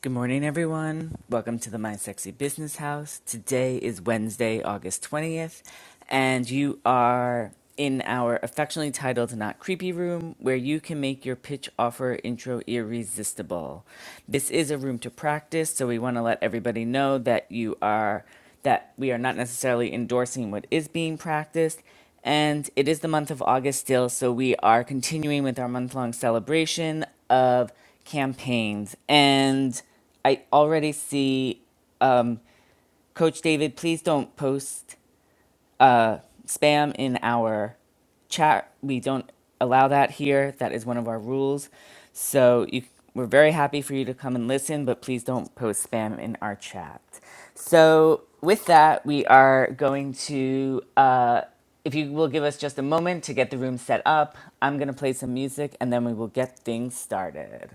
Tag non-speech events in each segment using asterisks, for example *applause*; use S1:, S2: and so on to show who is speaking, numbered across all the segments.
S1: Good morning, everyone. Welcome to the My Sexy Business House. Today is Wednesday, August 20th, and you are in our affectionately titled Not Creepy Room, where you can make your pitch offer intro irresistible. This is a room to practice, so we want to let everybody know that you are that we are not necessarily endorsing what is being practiced and it is the month of August still, so we are continuing with our month long celebration of campaigns. And I already see um, Coach David, please don't post uh, spam in our chat. We don't allow that here. That is one of our rules. So you, we're very happy for you to come and listen, but please don't post spam in our chat. So with that, we are going to. Uh, if you will give us just a moment to get the room set up, I'm going to play some music and then we will get things started.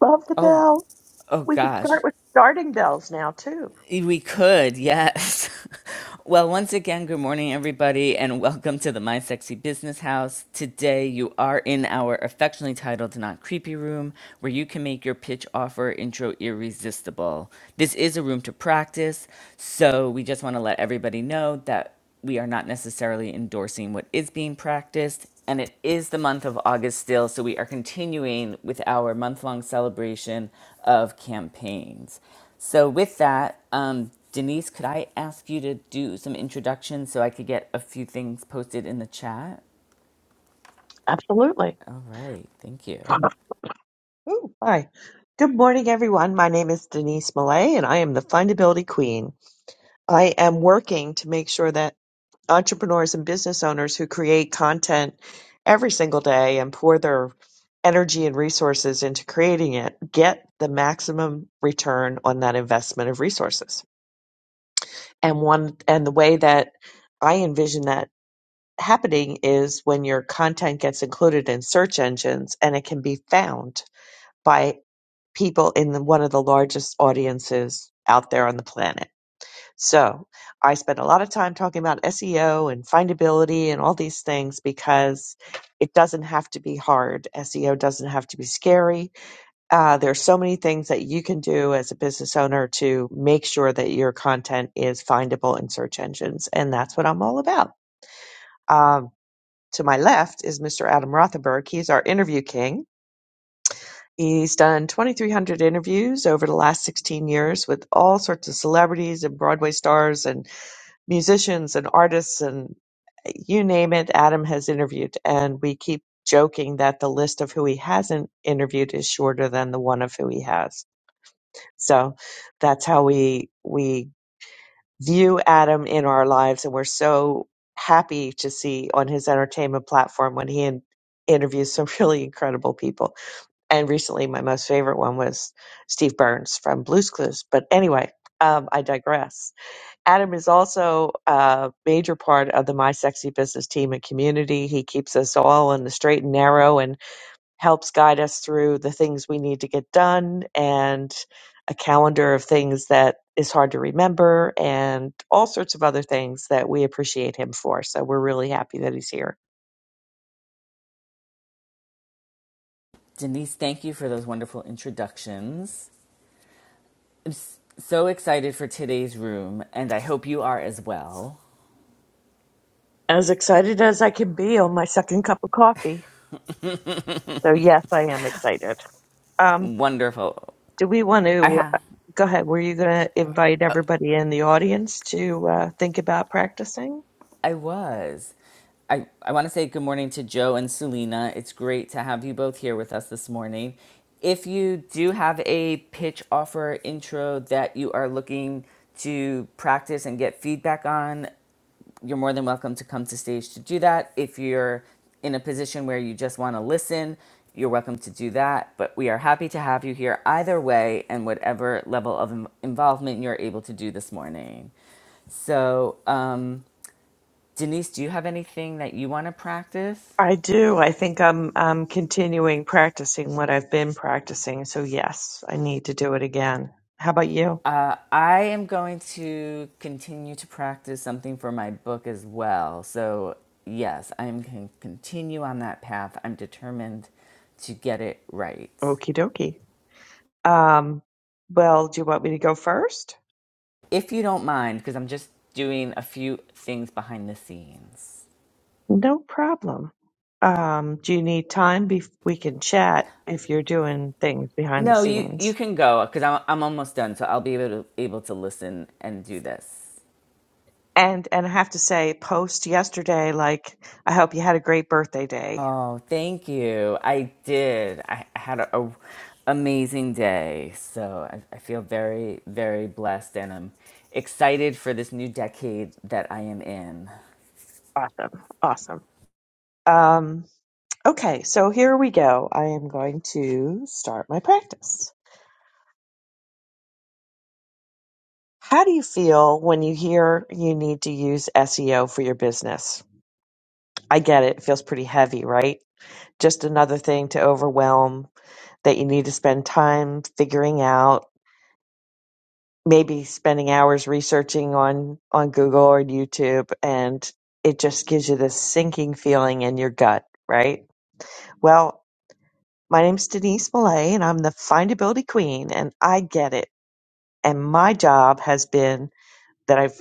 S2: Love the
S1: Oh,
S2: bell.
S1: oh
S2: We could
S1: gosh.
S2: start with starting bells now, too.
S1: We could, yes. *laughs* Well, once again, good morning, everybody, and welcome to the My Sexy Business House. Today, you are in our affectionately titled Not Creepy Room, where you can make your pitch offer intro irresistible. This is a room to practice, so we just want to let everybody know that we are not necessarily endorsing what is being practiced. And it is the month of August still, so we are continuing with our month long celebration of campaigns. So, with that, um, Denise, could I ask you to do some introductions so I could get a few things posted in the chat?
S2: Absolutely.
S1: All right, thank you.
S2: Ooh, hi. Good morning, everyone. My name is Denise Millay, and I am the Findability Queen. I am working to make sure that entrepreneurs and business owners who create content every single day and pour their energy and resources into creating it get the maximum return on that investment of resources. And one and the way that I envision that happening is when your content gets included in search engines and it can be found by people in the, one of the largest audiences out there on the planet. So I spend a lot of time talking about SEO and findability and all these things because it doesn't have to be hard. SEO doesn't have to be scary. Uh, there are so many things that you can do as a business owner to make sure that your content is findable in search engines. And that's what I'm all about. Um, to my left is Mr. Adam Rothenberg. He's our interview king. He's done 2,300 interviews over the last 16 years with all sorts of celebrities and Broadway stars and musicians and artists and you name it, Adam has interviewed. And we keep joking that the list of who he hasn't interviewed is shorter than the one of who he has. So that's how we we view Adam in our lives, and we're so happy to see on his entertainment platform when he in- interviews some *laughs* really incredible people. And recently, my most favorite one was Steve Burns from Blues Clues. But anyway, um, I digress. Adam is also a major part of the My Sexy Business team and community. He keeps us all on the straight and narrow, and helps guide us through the things we need to get done and a calendar of things that is hard to remember and all sorts of other things that we appreciate him for. So we're really happy that he's here.
S1: Denise, thank you for those wonderful introductions. I'm s- so excited for today's room, and I hope you are as well.
S2: As excited as I can be on my second cup of coffee. So yes, I am excited. Um,
S1: Wonderful.
S2: do we want
S1: I
S2: to
S1: have.
S2: go ahead? Were you going to invite everybody in the audience to uh, think about practicing?
S1: I was. I, I want to say good morning to Joe and Selena. It's great to have you both here with us this morning. If you do have a pitch offer intro that you are looking to practice and get feedback on, you're more than welcome to come to stage to do that. If you're in a position where you just want to listen, you're welcome to do that. But we are happy to have you here either way and whatever level of in- involvement you're able to do this morning. So, um, Denise, do you have anything that you want to practice?
S2: I do. I think I'm I'm continuing practicing what I've been practicing. So yes, I need to do it again. How about you?
S1: Uh, I am going to continue to practice something for my book as well. So, yes, I'm going to continue on that path. I'm determined to get it right.
S2: Okie dokie. Um, well, do you want me to go first?
S1: If you don't mind, because I'm just doing a few things behind the scenes.
S2: No problem. Um, do you need time? Bef- we can chat if you're doing things behind the
S1: No, you,
S2: scenes.
S1: you can go because I'm, I'm almost done. So, I'll be able to, able to listen and do this.
S2: And and I have to say, post yesterday, like I hope you had a great birthday day.
S1: Oh, thank you. I did. I I had a, a amazing day. So I, I feel very, very blessed and I'm excited for this new decade that I am in.
S2: Awesome, awesome. Um, okay, so here we go. I am going to start my practice. How do you feel when you hear you need to use SEO for your business? I get it. It feels pretty heavy, right? Just another thing to overwhelm that you need to spend time figuring out maybe spending hours researching on on Google or YouTube and it just gives you this sinking feeling in your gut, right? Well, my name's Denise Millay and I'm the findability queen and I get it. And my job has been that I've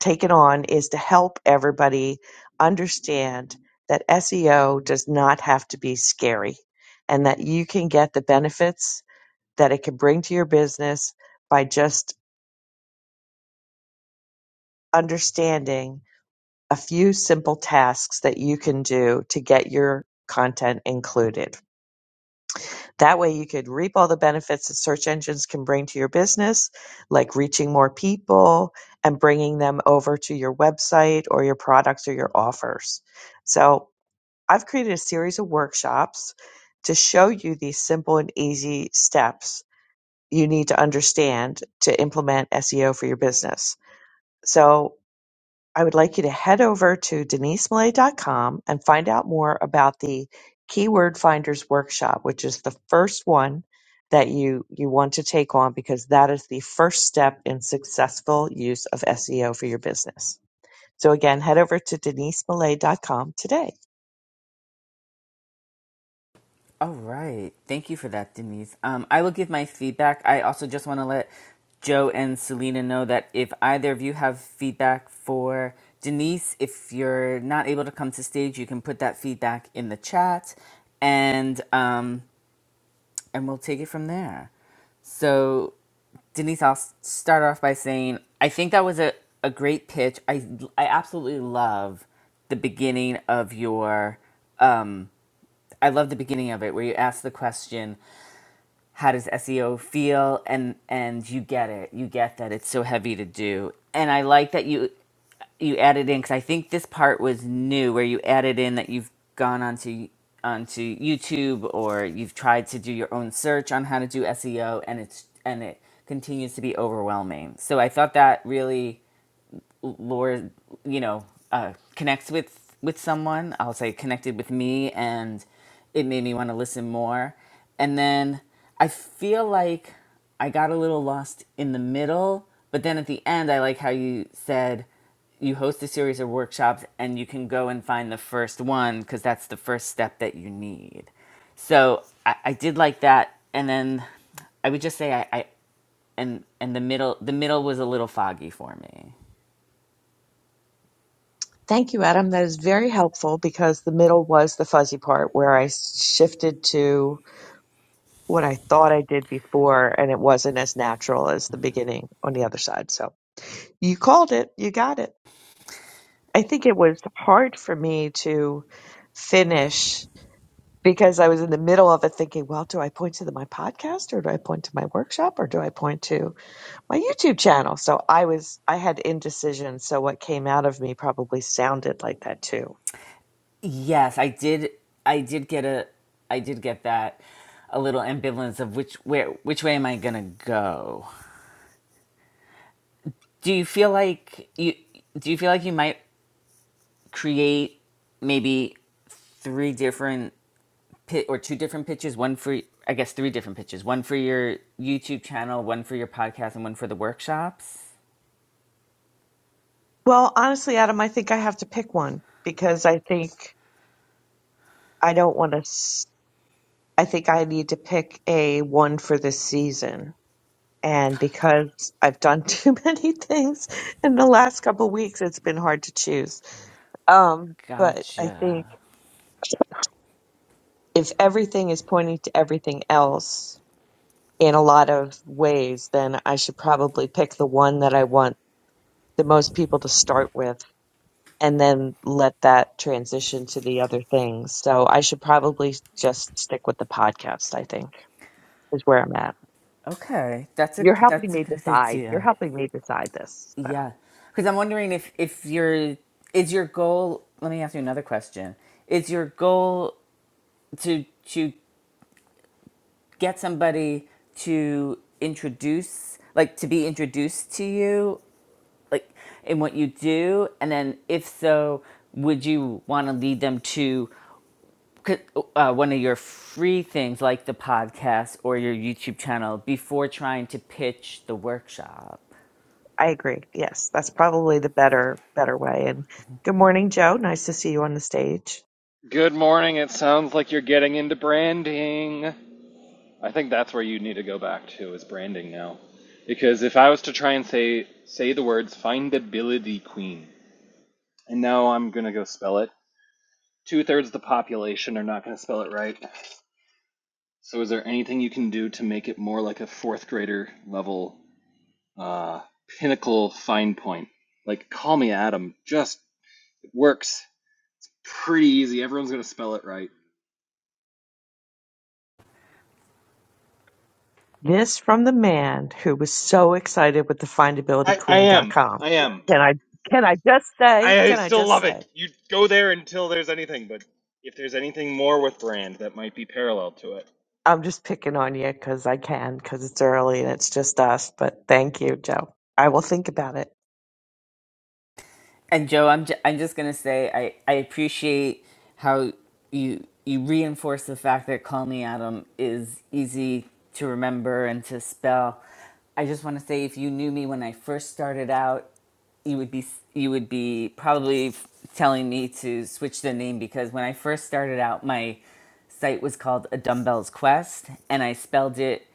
S2: taken on is to help everybody understand that SEO does not have to be scary and that you can get the benefits that it can bring to your business by just understanding a few simple tasks that you can do to get your content included. That way you could reap all the benefits that search engines can bring to your business, like reaching more people and bringing them over to your website or your products or your offers. So I've created a series of workshops to show you these simple and easy steps you need to understand to implement SEO for your business. So I would like you to head over to denisemillay.com and find out more about the Keyword Finders Workshop, which is the first one that you, you want to take on because that is the first step in successful use of SEO for your business. So again, head over to denisemillay.com today.
S1: All right. Thank you for that, Denise. Um, I will give my feedback. I also just want to let Joe and Selena know that if either of you have feedback for Denise, if you're not able to come to stage, you can put that feedback in the chat. And um, and we'll take it from there. So, Denise, I'll s- start off by saying I think that was a, a great pitch. I, I absolutely love the beginning of your, I love the beginning of it where you ask the question, how does SEO feel? And, and you get it. You get that it's so heavy to do. And I like that you you added in because I think this part was new where you added in that you've gone onto onto YouTube or you've tried to do your own search on how to do SEO and it's and it continues to be overwhelming. So I thought that really Lord, you know, uh, connects with with someone. I'll say connected with me, and it made me want to listen more. And then I feel like I got a little lost in the middle, but then at the end, I like how you said you host a series of workshops and you can go and find the first one because that's the first step that you need. So I, I did like that, and then I would just say I, I and and the middle the middle was a little foggy for me.
S2: Thank you, Adam. That is very helpful because the middle was the fuzzy part where I shifted to what I thought I did before and it wasn't as natural as the beginning on the other side. So You called it. You got it. I think it was hard for me to finish because I was in the middle of it thinking, well, do I point to the, my podcast or do I point to my workshop or do I point to my YouTube channel? So I was, I had indecision. So what came out of me probably sounded like that too.
S1: Yes, I did. I did get a. I did get that a little ambivalence of which where which way am I gonna go? Do you feel like you do you feel like you might create maybe three different pit or two different pitches, one for I guess three different pitches, one for your YouTube channel, one for your podcast, and one for the workshops?
S2: Well, honestly, Adam, I think I have to pick one because I think I don't want to. I think I need to pick a one for this season. And because I've done *laughs* too many things in the last couple of weeks, it's been hard to choose. Um, but I
S1: Gotcha.
S2: think if everything is pointing to everything else in a lot of ways, then I should probably pick the one that I want the most people to start with and then let that transition to the other things. So I should probably just stick with the podcast, I think, is where I'm at.
S1: Okay, that's a
S2: You're helping
S1: that's a
S2: me
S1: good
S2: decide. You're
S1: idea.
S2: helping me decide this. So
S1: Yeah, because I'm wondering if if your is your goal. Let me ask you another question. Is your goal to to get somebody to introduce, like to be introduced to you, like in what you do, and then if so, would you want to lead them to c- uh, one of your free things like the podcast or your YouTube channel before trying to pitch the workshop?
S2: I agree. Yes, that's probably the better better way. And good morning, Joe. Nice to see you on the stage.
S3: Good morning. It sounds like you're getting into branding. I think that's where you need to go back to is branding now. Because if I was to try and say say the words findability queen, and now I'm gonna go spell it. Two thirds of the population are not gonna spell it right. So is there anything you can do to make it more like a fourth grader level uh, pinnacle fine point? Like call me Adam. Just it works pretty easy. Everyone's gonna spell it right.
S2: This from the man who was so excited with the
S3: I, I am.
S2: findabilityqueen.com.
S3: I am.
S2: Can I can I just say,
S3: I,
S2: can I
S3: still
S2: just
S3: love
S2: say
S3: it. You go there until there's anything, but if there's anything more with Brand that might be parallel to it.
S2: I'm just picking on you because I can, because it's early and it's just us. But thank you, Joe. I will think about it.
S1: And Joe, I'm ju- I'm just gonna say I, I appreciate how you you reinforce the fact that "Call Me Adam" is easy to remember and to spell. I just want to say, if you knew me when I first started out, you would be you would be probably f- telling me to switch the name because when I first started out, my site was called A Dumbbells Quest, and I spelled it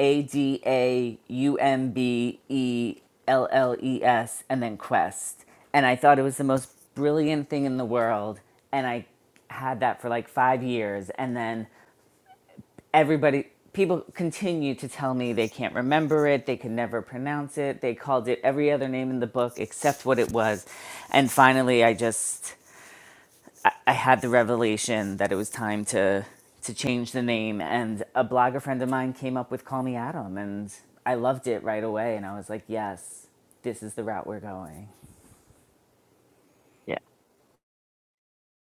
S1: a D A U M B E L L E S, and then Quest. And I thought it was the most brilliant thing in the world. And I had that for like five years. And then everybody, people continue to tell me they can't remember it, they can never pronounce it. They called it every other name in the book except what it was. And finally, I just I, I had the revelation that it was time to to change the name and a blogger friend of mine came up with call me adam and i loved it right away and i was like yes this is the route we're going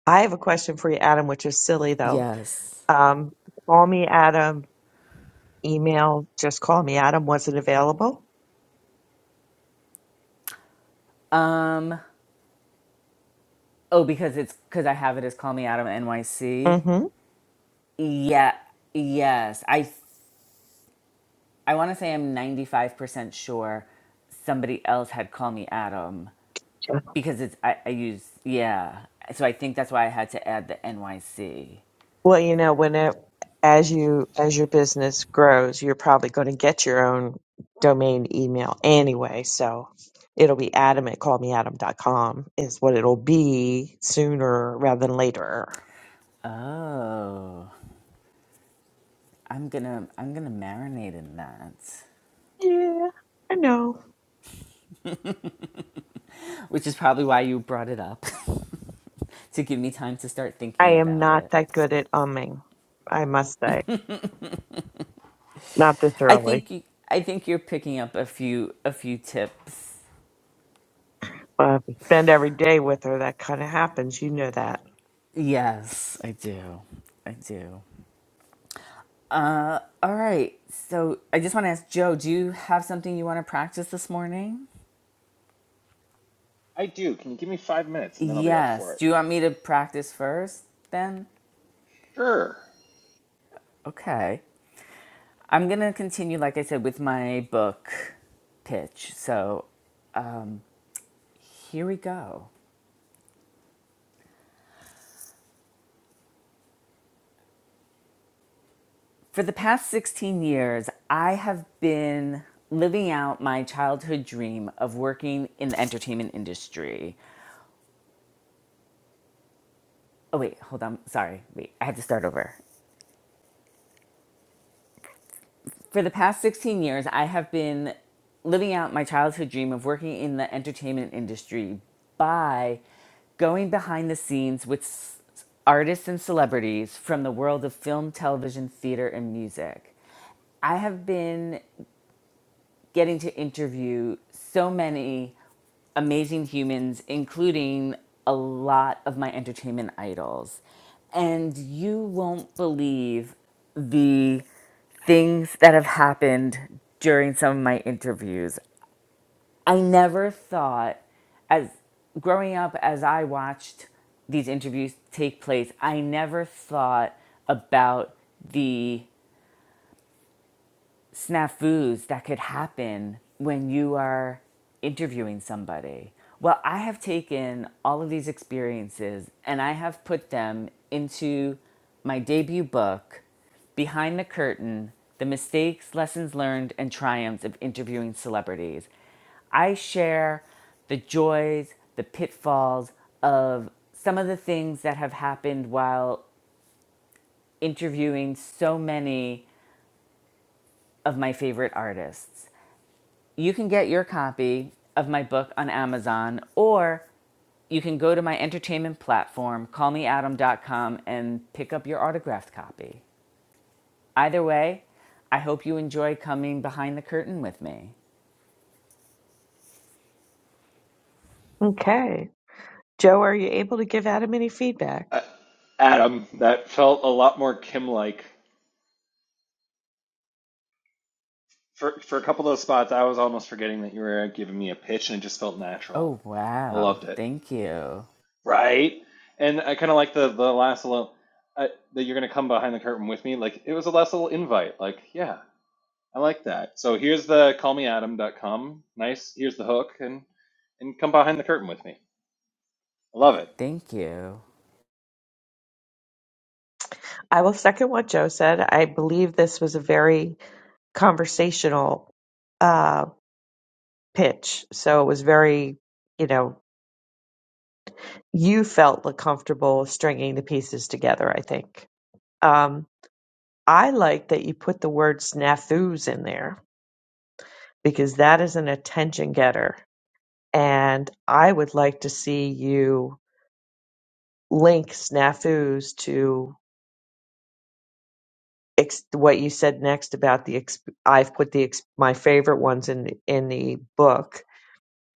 S2: I have a question for you, Adam, which is silly though.
S1: yes
S2: Um, call me Adam, email, just call me Adam. Was it available?
S1: um oh because it's because i have it as call me adam nyc
S2: Mm-hmm.
S1: yeah yes i i want to say i'm 95% sure somebody else had call me adam
S2: Sure.
S1: because it's i, I use yeah so i think that's why i had to add the nyc
S2: Well, you know, when it, as you, as your business grows, you're probably going to get your own domain email anyway. So it'll be adam at call me adam dot com is what it'll be sooner rather than later.
S1: Oh, I'm gonna I'm gonna marinate in that,
S2: Yeah, I know.
S1: which is probably why you brought it up *laughs* to give me time to start
S2: I
S1: thinking
S2: am
S1: about
S2: not
S1: it.
S2: that good at umming, I must say. Not this
S1: I
S2: early.
S1: think you, I think you're picking up a few a few tips.
S2: Well, if you spend every day with her, that kind of happens. You know that.
S1: Yes, I do. I do. All right. So I just want to ask Joe, do you have something you want to practice this morning?
S3: I do. Can you give me five minutes and then I'll be up for
S1: Yes.
S3: it?
S1: Do you want me to practice first then?
S3: Sure.
S1: Okay. I'm going to continue, like I said, with my book pitch. So Here we go. For the past 16 years, I have been living out my childhood dream of working in the entertainment industry. Oh, wait, hold on. Sorry. Wait, I had to start over. For the past 16 years, I have been living out my childhood dream of working in the entertainment industry by going behind the scenes with s- artists and celebrities from the world of film, television, theater, and music. I have been getting to interview so many amazing humans, including a lot of my entertainment idols. And you won't believe the things that have happened during some of my interviews. I never thought, as growing up, as I watched these interviews take place, I never thought about the snafus that could happen when you are interviewing somebody. Well, I have taken all of these experiences and I have put them into my debut book, Behind the Curtain The Mistakes, Lessons Learned, and Triumphs of Interviewing Celebrities. I share the joys, the pitfalls of some of the things that have happened while interviewing so many of my favorite artists You can get your copy of my book on Amazon, or you can go to my entertainment platform, call me adam dot com, and pick up your autographed copy. Either way, I hope you enjoy coming behind the curtain with me.
S2: Okay. Joe, are you able to give Adam any
S3: Uh,
S2: feedback?
S3: Adam, that felt a lot more Kim like. For, for a couple of those spots, I was almost forgetting that you were giving me a pitch and it just felt natural.
S1: Oh,
S3: I
S1: wow.
S3: loved it.
S1: Thank you.
S3: Right? And I kind of like the, the last little, uh, that you're going to come behind the curtain with me. Like, it was a last little invite. Like, yeah, I like that. So here's the callmeadam.com. Nice. Here's the hook, and and come behind the curtain with me. I love it.
S1: Thank you.
S2: I will second what Joe said. I believe this was a very conversational uh, pitch. So it was very, you know, you felt comfortable stringing the pieces together, I think. Um, I like that you put the word snafus in there because that is an attention getter. And I would like to see you link snafus to ex- what you said next about the ex- I've put the ex- my favorite ones in the, in the book.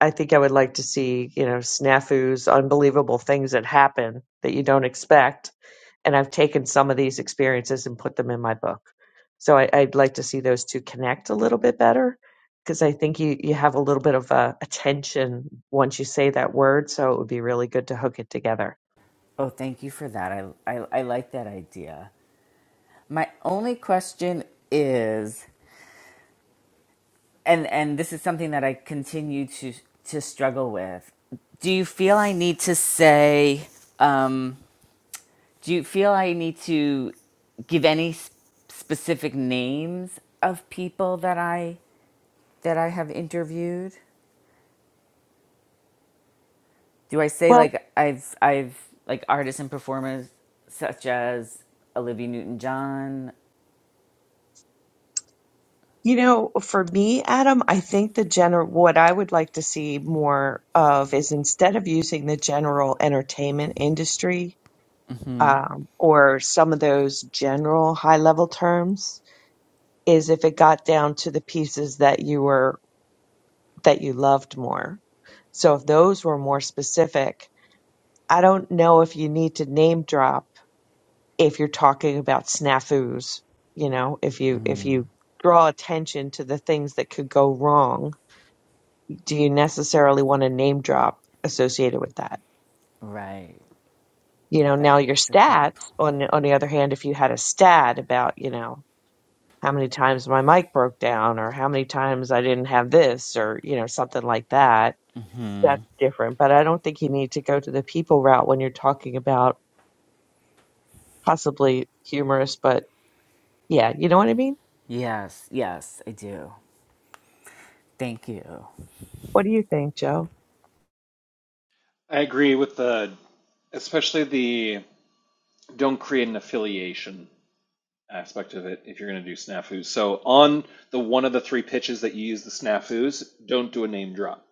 S2: I think I would like to see you know snafus, unbelievable things that happen that you don't expect, and I've taken some of these experiences and put them in my book. So I, I'd like to see those two connect a little bit better because I think you you have a little bit of a, a tension once you say that word, so it would be really good to hook it together.
S1: Oh, thank you for that. I, I, I like that idea. My only question is and and this is something that I continue to to struggle with. Do you feel I need to say? Um, do you feel I need to give any s- specific names of people that I that I have interviewed? Do I say
S2: Well,
S1: like I've I've like artists and performers such as Olivia Newton John?
S2: You know, for me, Adam, I think the general, what I would like to see more of is instead of using the general entertainment industry um, or some of those general high level terms, is if it got down to the pieces that you were, that you loved more. So if those were more specific, I don't know if you need to name drop if you're talking about snafus, you know, if you, if you draw attention to the things that could go wrong do you necessarily want a name drop associated with that?
S1: Right,
S2: You know,
S1: right. That,
S2: now your
S1: that's a good. point.
S2: stats on on the other hand, if you had a stat about, you know, how many times my mic broke down or how many times I didn't have this or, you know, something like that, that's different. But I don't think you need to go to the people route when you're talking about possibly humorous, but yeah, you know what I mean?
S1: Yes, yes, I do. Thank you.
S2: What do you think, Joe?
S3: I agree with the, especially the don't create an affiliation aspect of it if you're going to do snafus. So on the one of the three pitches that you use the snafus, don't do a name drop.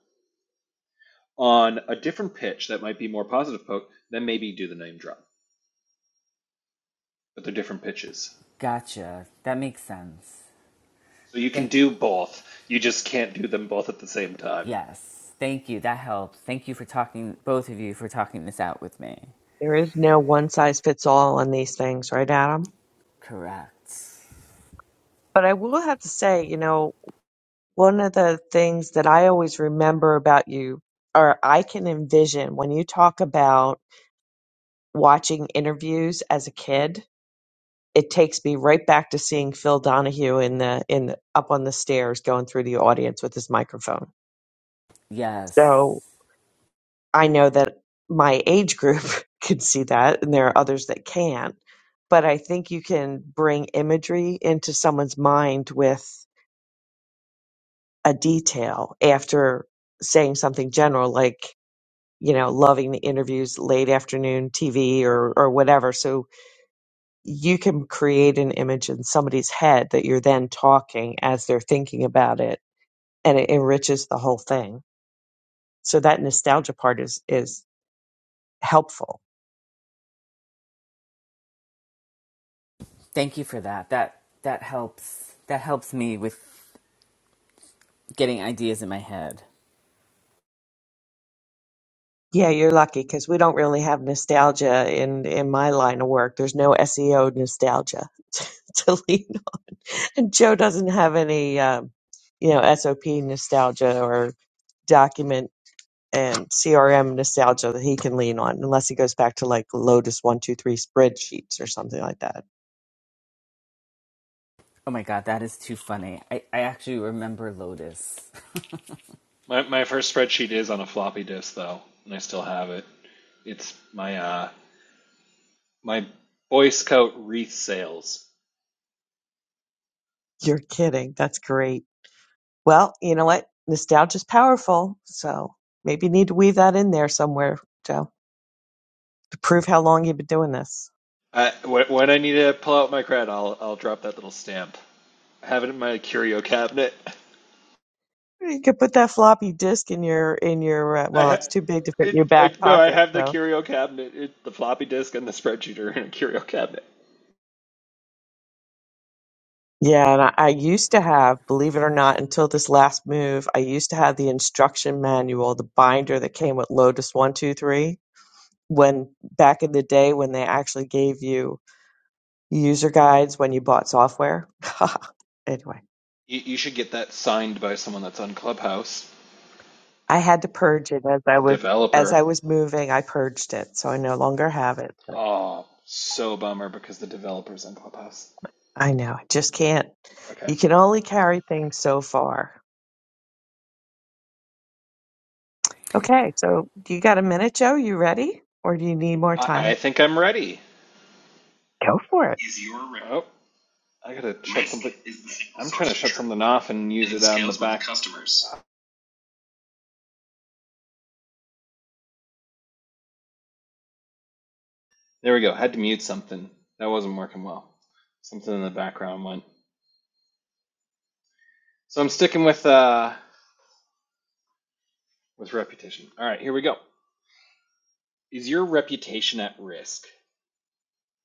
S3: On a different pitch that might be more positive poke, then maybe do the name drop. But they're different pitches.
S1: Gotcha. That makes sense.
S3: So you can
S1: Thank,
S3: do both. You just can't do them both at the same time.
S1: yes, thank you. That helps. Thank you for talking, both of you, for talking this out with me.
S2: There is no one size fits all on these things, right, Adam?
S1: Correct.
S2: But I will have to say, you know, One of the things that I always remember about you, or I can envision when you talk about watching interviews as a kid, it takes me right back to seeing Phil Donahue in the in the, up on the stairs going through the audience with his microphone. So
S1: Yes,
S2: I know that my age group *laughs* can see that, and there are others that can't. But I think you can bring imagery into someone's mind with a detail after saying something general like you know, loving the interviews, late afternoon TV or or whatever. So you can create an image in somebody's head that you're then talking as they're thinking about it, and it enriches the whole thing. So that nostalgia part is is helpful.
S1: thank you for that. That that helps. That helps me with getting ideas in my head.
S2: Yeah, you're lucky because we don't really have nostalgia in in my line of work. There's no SEO nostalgia *laughs* to lean on, and Joe doesn't have any, um, you know, SOP nostalgia or document and CRM nostalgia that he can lean on, unless he goes back to like Lotus one two three spreadsheets or something like that.
S1: Oh my god, that is too funny. I, I actually remember Lotus.
S3: My my first spreadsheet is on a floppy disk though, and I still have it. It's my uh my Boy Scout wreath sales.
S2: You're kidding. That's great. Well, you know what? Nostalgia's powerful, so maybe you need to weave that in there somewhere, Joe, to prove how long you've been doing this.
S3: I, when, I need to pull out my cred, I'll I'll drop that little stamp. I have it in my curio cabinet.
S2: You could put that floppy disk in your in your uh,
S3: I
S2: well,
S3: ha-
S2: it's too big to fit in your
S3: it I
S2: back
S3: no, I
S2: pocket,
S3: have the
S2: so.
S3: curio cabinet. It, the floppy disk and the spreadsheet are in a curio cabinet.
S2: Yeah, and I, I used to have, believe it or not, until this last move, I used to have the instruction manual, the binder that came with Lotus 123. When back in the day, when they actually gave you user guides when you bought software. *laughs* anyway.
S3: You, you should get that signed by someone that's on Clubhouse.
S2: I had to purge it as I
S3: The
S2: was as
S3: developer.
S2: I was moving. I purged it, so I no longer have it. But
S3: Oh, so bummer because the developer's on Clubhouse.
S2: I know I just can't.
S3: Okay.
S2: You can only carry things so far. Okay, so do you got a minute, Joe? You ready, or do you need more
S3: I, I
S2: time?
S3: think I'm ready.
S2: Go for it.
S3: is your re- Oh, I gotta shut something. I'm trying to shut something off and use it it on the back. customers. There we go. I Had to mute something. That wasn't working well. Something in the background went. So I'm sticking with uh with reputation. All right, here we go. Is your reputation at risk?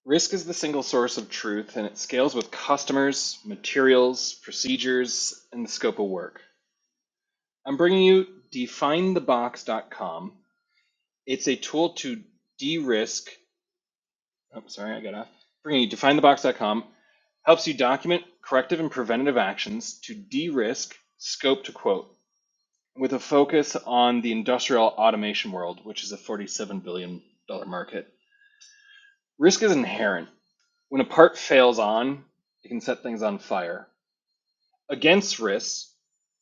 S3: Risk is the single source of truth and it scales with customers, materials, procedures, and the scope of work. I'm bringing you definethebox.com. It's a tool to de-risk Oh, sorry, I got off. Bringing you definethebox.com helps you document corrective and preventative actions to de-risk scope to quote with a focus on the industrial automation world, which is a $47 billion dollars market. Risk is inherent. When a part fails on, it can set things on fire. Against risks,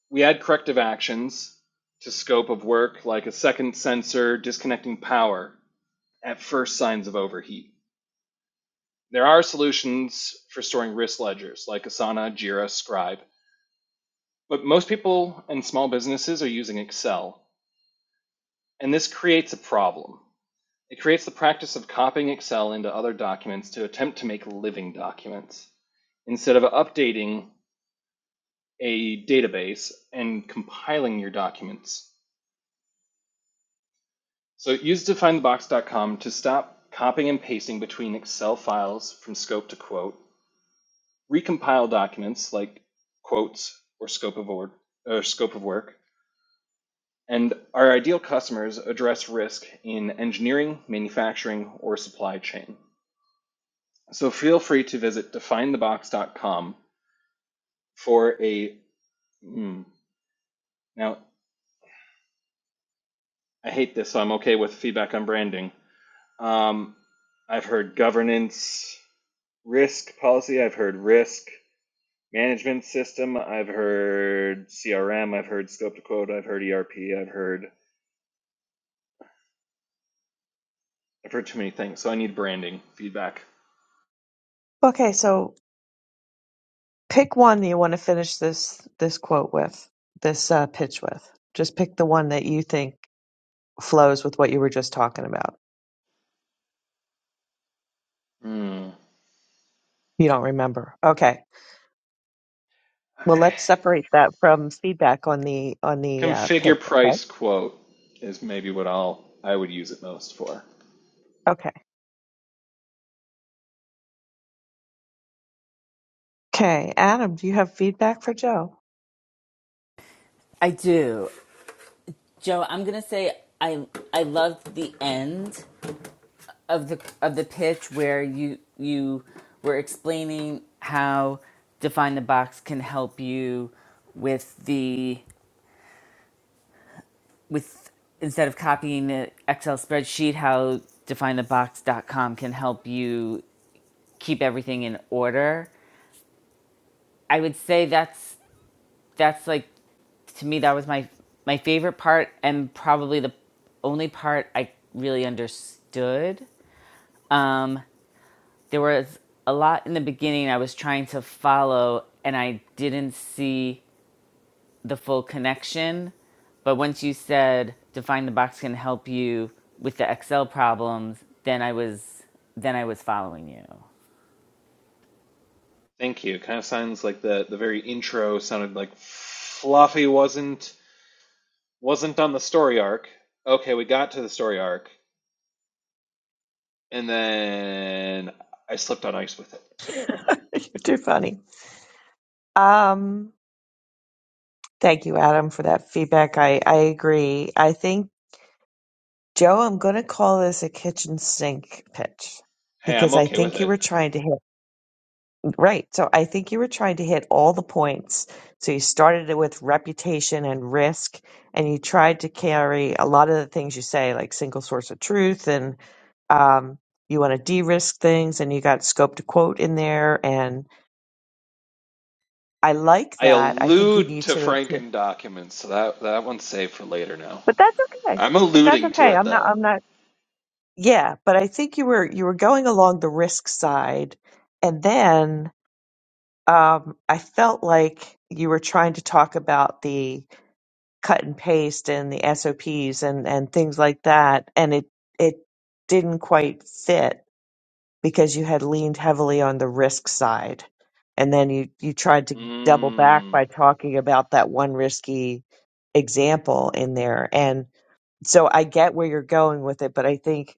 S3: we add corrective actions to scope of work like a second sensor, disconnecting power at first signs of overheat. There are solutions for storing risk ledgers like Asana, Jira, Scribe, but most people and small businesses are using Excel, and this creates a problem. It creates the practice of copying Excel into other documents to attempt to make living documents instead of updating a database and compiling your documents. So use definethebox.com to stop copying and pasting between Excel files from scope to quote recompile documents like quotes or scope of or, or scope of work, and our ideal customers address risk in engineering, manufacturing, or supply chain. So feel free to visit definethebox.com for a. Hmm, now, I hate this, so I'm okay with feedback on branding. Um, I've heard governance, risk policy, I've heard risk management system, I've heard CRM, I've heard scope to quote, I've heard ERP, I've heard I've heard too many things, so I need branding feedback.
S2: Okay, so pick one that you want to finish this this quote with, this uh, pitch with. Just pick the one that you think flows with what you were just talking about.
S3: Hmm.
S2: You don't remember. Okay. Well, let's separate that from feedback on the on the uh, pitch.
S3: Configure
S2: Okay.
S3: price quote is maybe what I'll I would use it most for.
S2: Okay. Okay, Adam, do you have feedback for Joe?
S1: *laughs* I do. Joe, I'm gonna say I I loved the end of the of the pitch where you you were explaining how define the box can help you with the with instead of copying the excel spreadsheet how define the box dot com can help you keep everything in order i would say that's that's like to me that was my my favorite part and probably the only part i really understood Um, there was a lot in the beginning I was trying to follow and I didn't see the full connection. But once you said define the box can help you with the Excel problems, then I was then I was following you.
S3: Thank you. Kind of sounds like the the very intro sounded like Fluffy wasn't wasn't on the story arc. Okay, we got to the story arc, and then I slipped on ice with it.
S2: *laughs* You're too funny. Um, thank you, Adam, for that feedback. I I agree. I think Joe, I'm going to call this a kitchen sink pitch
S3: Hey, I'm
S2: because I
S3: okay with
S2: think you were
S3: it.
S2: trying to hit right. So I think you were trying to hit all the points. So you started it with reputation and risk, and you tried to carry a lot of the things you say, like single source of truth and um, you want to de-risk things and you got scope to quote in there and I like
S3: I
S2: that. I think you
S3: allude
S2: need
S3: to
S2: to, to-
S3: Franken documents, so that that one's saved for later now.
S2: but that's okay.
S3: I'm
S2: But that's
S3: alluding to
S2: okay.
S3: it
S2: I'm not,
S3: though.
S2: I'm not, yeah, but I think you were, you were going along the risk side. And then, um, I felt like you were trying to talk about the cut and paste and the SOPs and, and things like that. And it, it didn't quite fit because you had leaned heavily on the risk side. And then you, you tried to double back
S3: Hmm.
S2: by talking about that one risky example in there. And so I get where you're going with it, but I think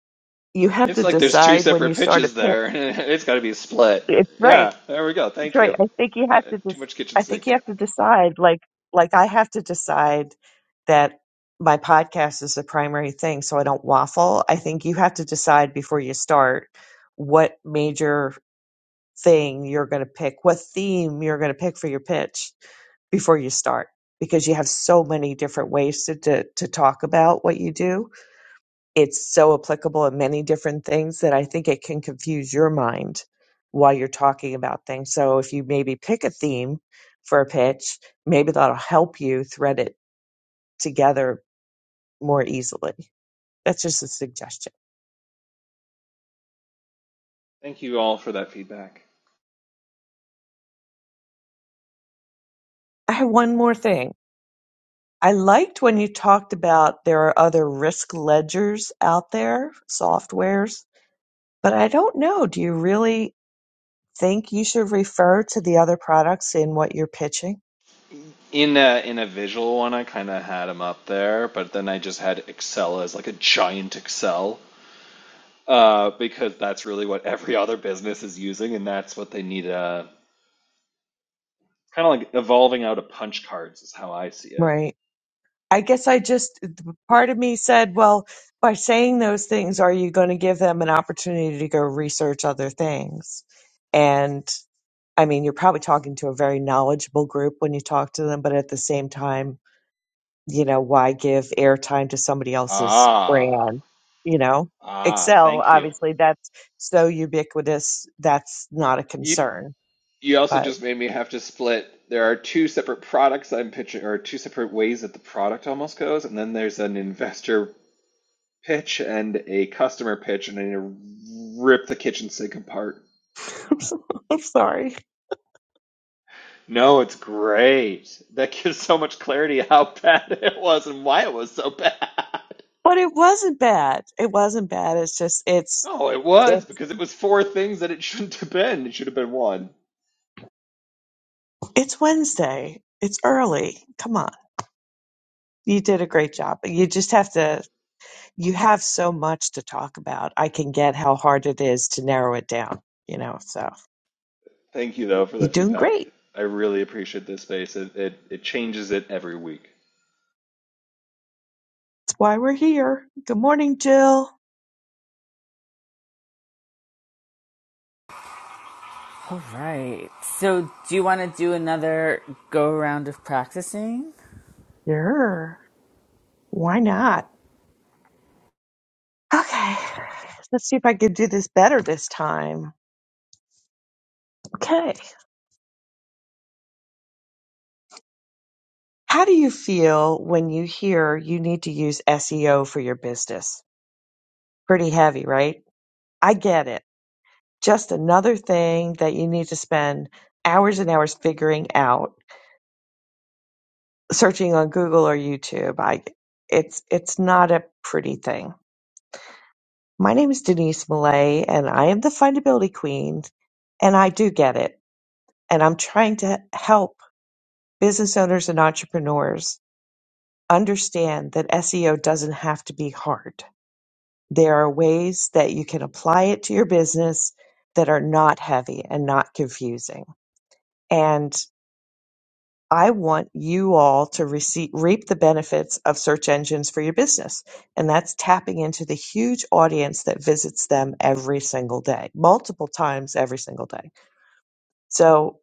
S2: you have
S3: It's
S2: to
S3: like there's two
S2: decide when
S3: separate
S2: you start a
S3: pitches
S2: pit.
S3: there. *laughs* It's got to be split.
S2: It's right.
S3: Yeah, there we go.
S2: It's
S3: Thank
S2: right.
S3: you.
S2: I think you
S3: Uh,
S2: have to
S3: too
S2: just,
S3: much kitchen
S2: I think
S3: sink.
S2: you have to decide like, like I have to decide that my podcast is the primary thing. So I don't waffle. I think you have to decide before you start what major thing you're going to pick, what theme you're going to pick for your pitch before you start, because you have so many different ways to, to, to talk about what you do. It's so applicable in many different things that I think it can confuse your mind while you're talking about things. So if you maybe pick a theme for a pitch, maybe that'll help you thread it together more easily. That's just a suggestion.
S3: Thank you all for that feedback.
S2: I have one more thing I liked when you talked about there are other risk ledgers out there, softwares, but I don't know. Do you really think you should refer to the other products in what you're pitching?
S3: In a, in a visual one, I kind of had them up there, but then I just had Excel as like a giant Excel uh, because that's really what every *laughs* other business is using, and that's what they need. Uh, kind of like evolving out of punch cards is how I see it.
S2: Right. I guess I just,
S3: it.
S2: part of me said, well, by saying those things, are you going to give them an opportunity to go research other things? And I mean, you're probably talking to a very knowledgeable group when you talk to them, but at the same time, you know, why give airtime to somebody else's
S3: Ah,
S2: brand? You know,
S3: ah,
S2: Excel,
S3: thank you.
S2: obviously, that's so ubiquitous, that's not a
S3: You
S2: concern.
S3: you also
S2: But
S3: just made me have to split. There are two separate products I'm pitching, or two separate ways that the product almost goes, and then there's an investor pitch and a customer pitch, and I need to rip the kitchen sink apart.
S2: *laughs* I'm so, I'm sorry.
S3: No, it's great. That gives so much clarity how *laughs* bad it was and why it was so bad. *laughs*
S2: But it wasn't bad. It wasn't bad. It's just, it's,
S3: Oh, it was
S2: it's,
S3: because it was four things that it *laughs* shouldn't have been. It should have been one.
S2: it's Wednesday. It's early. Come on. You did a great job. You just have to, you have so much to talk about. I can get how hard it is to narrow it down, you know, so
S3: Thank you though for
S2: you're
S3: that
S2: doing
S3: feedback.
S2: great.
S3: I really appreciate this space. It it, it changes it every week.
S2: Why we're here. Good morning, Jill.
S1: All right. So do you want to do another go around of practicing?
S2: Sure. Why not? Okay. Let's see if I can do this better this time. Okay. How do you feel when you hear you need to use SEO for your business? Pretty heavy, right? I get it. Just another thing that you need to spend hours and hours figuring out, searching on Google or YouTube. I it's it's not a pretty thing. My name is Denise Millay, and I am the findability queen, and I do get it. And I'm trying to help business owners and entrepreneurs understand that SEO doesn't have to be hard. There are ways that you can apply it to your business that are not heavy and not confusing. And I want you all to receive, reap the benefits of search engines for your business. And that's tapping into the huge audience that visits them every single day, multiple times every single day. So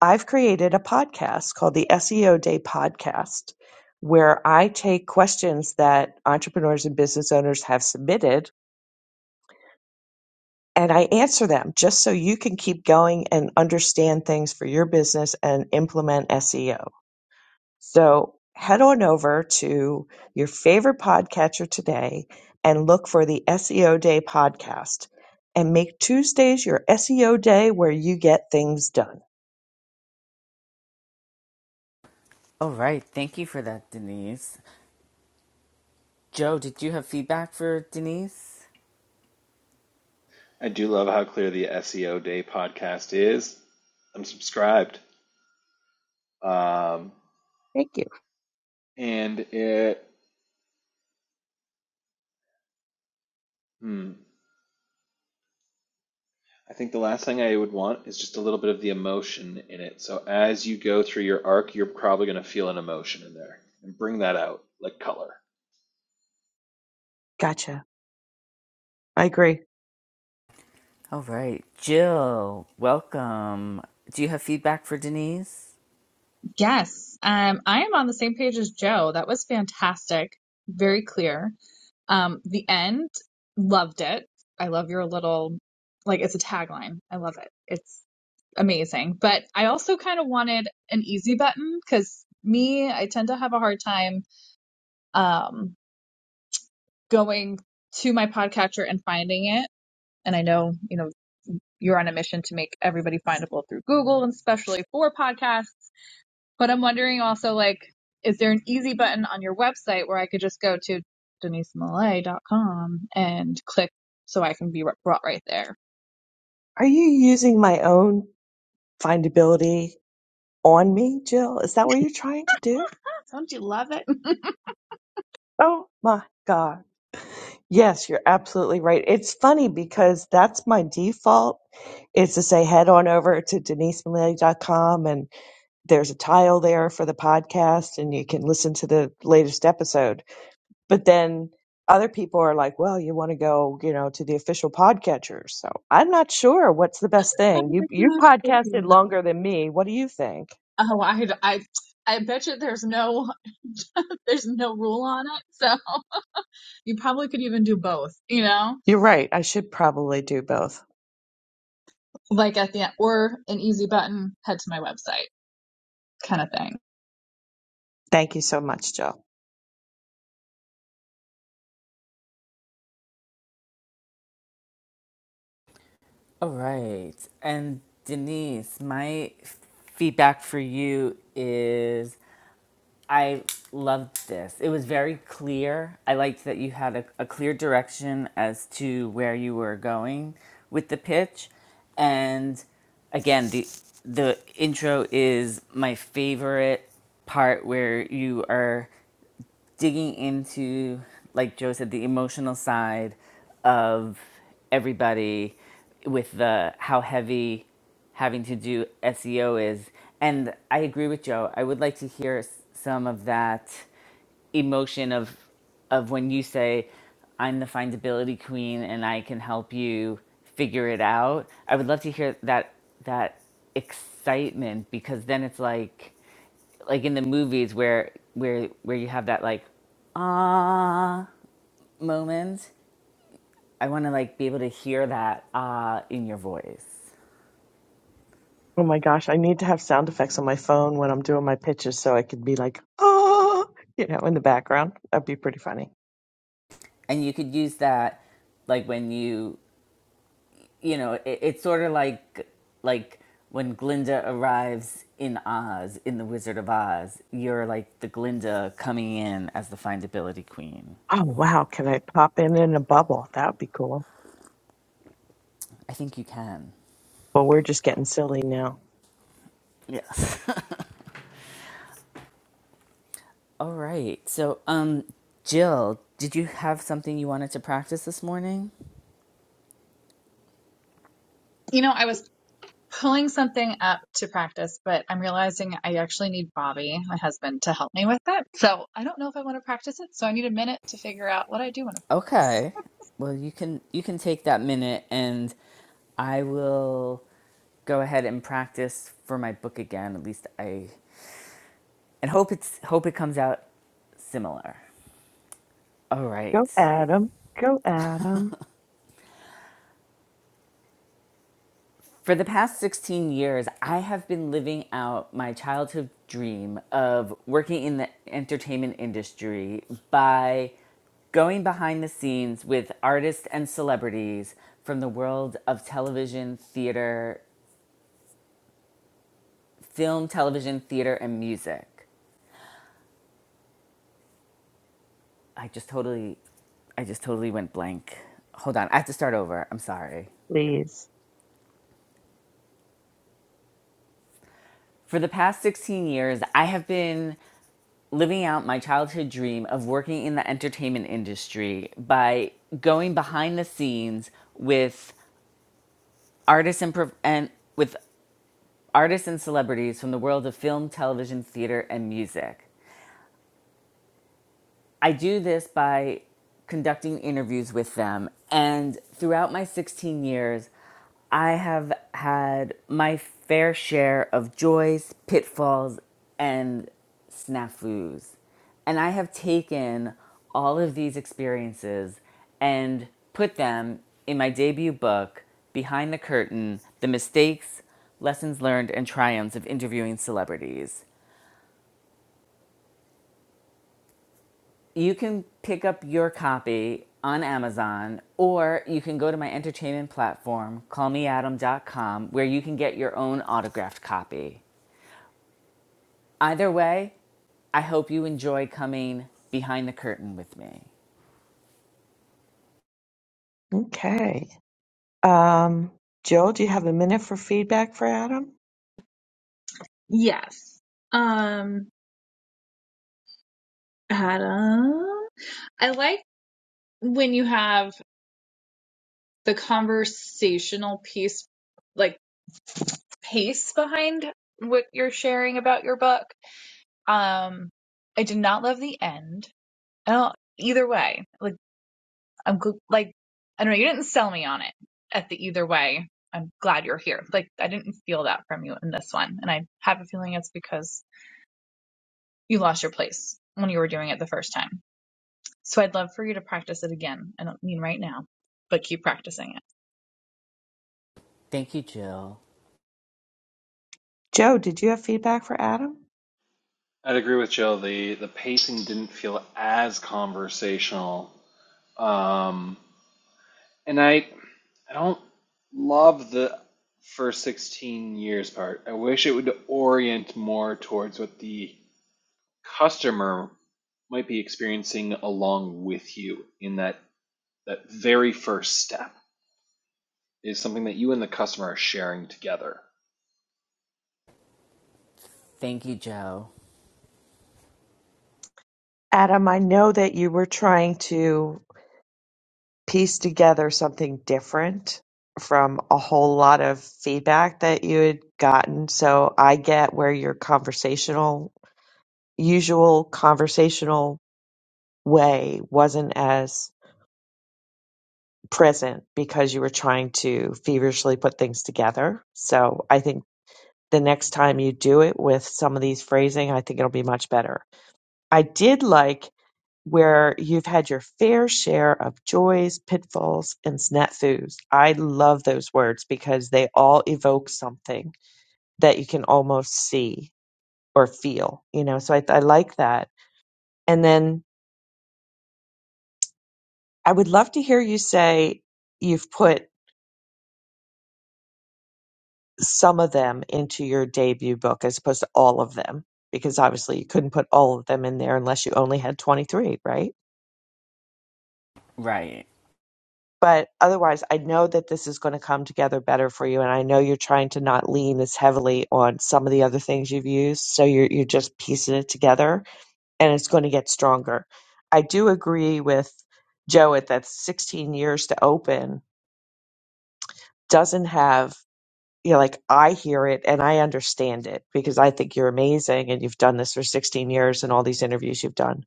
S2: I've created a podcast called the SEO Day Podcast, where I take questions that entrepreneurs and business owners have submitted and I answer them just so you can keep going and understand things for your business and implement SEO. So head on over to your favorite podcatcher today and look for the SEO Day podcast and make Tuesdays your SEO day where you get things done.
S1: All right. Thank you for that, Denise. Joe, did you have feedback for Denise?
S3: I do love how clear the SEO Day podcast is. I'm subscribed. Um,
S2: Thank you.
S3: and it hmm, I think the last thing I would want is just a little bit of the emotion in it. So as you go through your arc, you're probably going to feel an emotion in there and bring that out like color.
S2: Gotcha. I agree.
S1: All right. Jill, welcome. Do you have feedback for Denise?
S4: Yes, um, I am on the same page as Joe. That was fantastic, very clear. Um, the end, loved it. I love your little, like, it's a tagline. I love it. It's amazing. But I also kind of wanted an easy button because me, I tend to have a hard time um, going to my podcatcher and finding it. And I know, you know, you're on a mission to make everybody findable through Google, and especially for podcasts. But I'm wondering also, like, is there an easy button on your website where I could just go to denisemalay.com and click so I can be brought right there?
S2: Are you using my own findability on me, Jill? Is that what you're trying to do?
S4: Don't you love it? *laughs*
S2: Oh my God. Yes, you're absolutely right. It's funny because that's my default is to say head on over to denisemilley.com and there's a tile there for the podcast and you can listen to the latest episode. But then other people are like, well, you want to go, you know, to the official podcatcher. So I'm not sure what's the best
S4: Oh
S2: thing.
S4: my
S2: You you
S4: gosh.
S2: podcasted longer than me. What do you think?
S4: Oh, I, I, I bet you there's no, *laughs* there's no rule on it. So *laughs* you probably could even do both, you know,
S2: You're right. I should probably do both.
S4: like at the end or an easy button, head to my website kind of thing.
S2: Thank you so much, Jill.
S1: All right. And Denise, my feedback for you is I loved this. It was very clear. I liked that you had a, a clear direction as to where you were going with the pitch. And again, the the intro is my favorite part where you are digging into, like Joe said, the emotional side of everybody with the how heavy having to do SEO is. And I agree with Joe. I would like to hear s- some of that emotion of of when you say i'm the findability queen and i can help you figure it out i would love to hear that that excitement because then it's like like in the movies where where where you have that like ah moment i want to like be able to hear that ah in your voice
S2: Oh my gosh, I need to have sound effects on my phone when I'm doing my pitches so I could be like, oh, you know, in the background. That'd be pretty funny.
S1: and you could use that like when you you know, it, it's sort of like like when Glinda arrives in Oz in The Wizard of Oz. You're like the Glinda coming in as the findability queen.
S2: Oh wow, can I pop in in a bubble? That would be cool.
S1: I think you can.
S2: Well, we're just getting silly now.
S1: Yes. *laughs* All right. So, um, Jill, did you have something you wanted to practice this morning?
S4: You know, I was pulling something up to practice, but I'm realizing I actually need Bobby, my husband, to help me with it. So I don't know if I want to practice it. So I need a minute to figure out what I do want to practice.
S1: Okay. Well, you can you can take that minute, and I will go ahead and practice for my book again. At least I and hope it's hope it comes out similar. All right.
S2: Go, Adam. Go, Adam.
S1: For the past 16 years, I have been living out my childhood dream of working in the entertainment industry by going behind the scenes with artists and celebrities from the world of television, theater, film, television, theater, and music. I just totally I just totally went blank. Hold on, I have to start over. I'm sorry.
S2: Please.
S1: For the past 16 years, I have been living out my childhood dream of working in the entertainment industry by going behind the scenes with artists and, pro- and with artists and celebrities from the world of film, television, theater, and music. I do this by conducting interviews with them. And throughout my 16 years, I have had my fair share of joys, pitfalls, and snafus. And I have taken all of these experiences and put them in my debut book, Behind the Curtain The Mistakes, Lessons Learned, and Triumphs of Interviewing Celebrities. You can pick up your copy on Amazon or you can go to my entertainment platform, call me adam dot com, where you can get your own autographed copy. Either way, I hope you enjoy coming behind the curtain with me.
S2: Okay. Um, Joe, do you have a minute for feedback for Adam?
S4: Yes. Um, Adam, I like when you have the conversational piece, like pace behind what you're sharing about your book. Um, I did not love the end. I don't, either way. Like I'm gl- like, I don't know, you didn't sell me on it at the either way. I'm glad you're here. Like, I didn't feel that from you in this one. And I have a feeling it's because you lost your place when you were doing it the first time. So I'd love for you to practice it again. I don't mean right now, but keep practicing it.
S1: Thank you, Jill.
S2: Joe, did you have feedback for Adam?
S3: I'd agree with Jill. The the pacing didn't feel as conversational. Um, and I I don't love the first 16 years part. I wish it would orient more towards what the customer might be experiencing along with you in that that very first step. is something that you and the customer are sharing together.
S1: Thank you, Joe.
S2: Adam, I know that you were trying to piece together something different from a whole lot of feedback that you had gotten. So I get where your conversational, usual conversational way wasn't as present because you were trying to feverishly put things together. So I think the next time you do it with some of these phrasing, I think it'll be much better. I did like where you've had your fair share of joys, pitfalls, and snafus. I love those words because they all evoke something that you can almost see or feel, you know. So I, I like that. And then I would love to hear you say you've put some of them into your debut book as opposed to all of them because obviously you couldn't put all of them in there unless you only had 23 right
S1: Right.
S2: but otherwise i know that this is going to come together better for you and i know you're trying to not lean as heavily on some of the other things you've used so you're, you're just piecing it together and it's going to get stronger i do agree with joe at that 16 years to open doesn't have you know, like I hear it and I understand it because I think you're amazing and you've done this for 16 years and all these interviews you've done.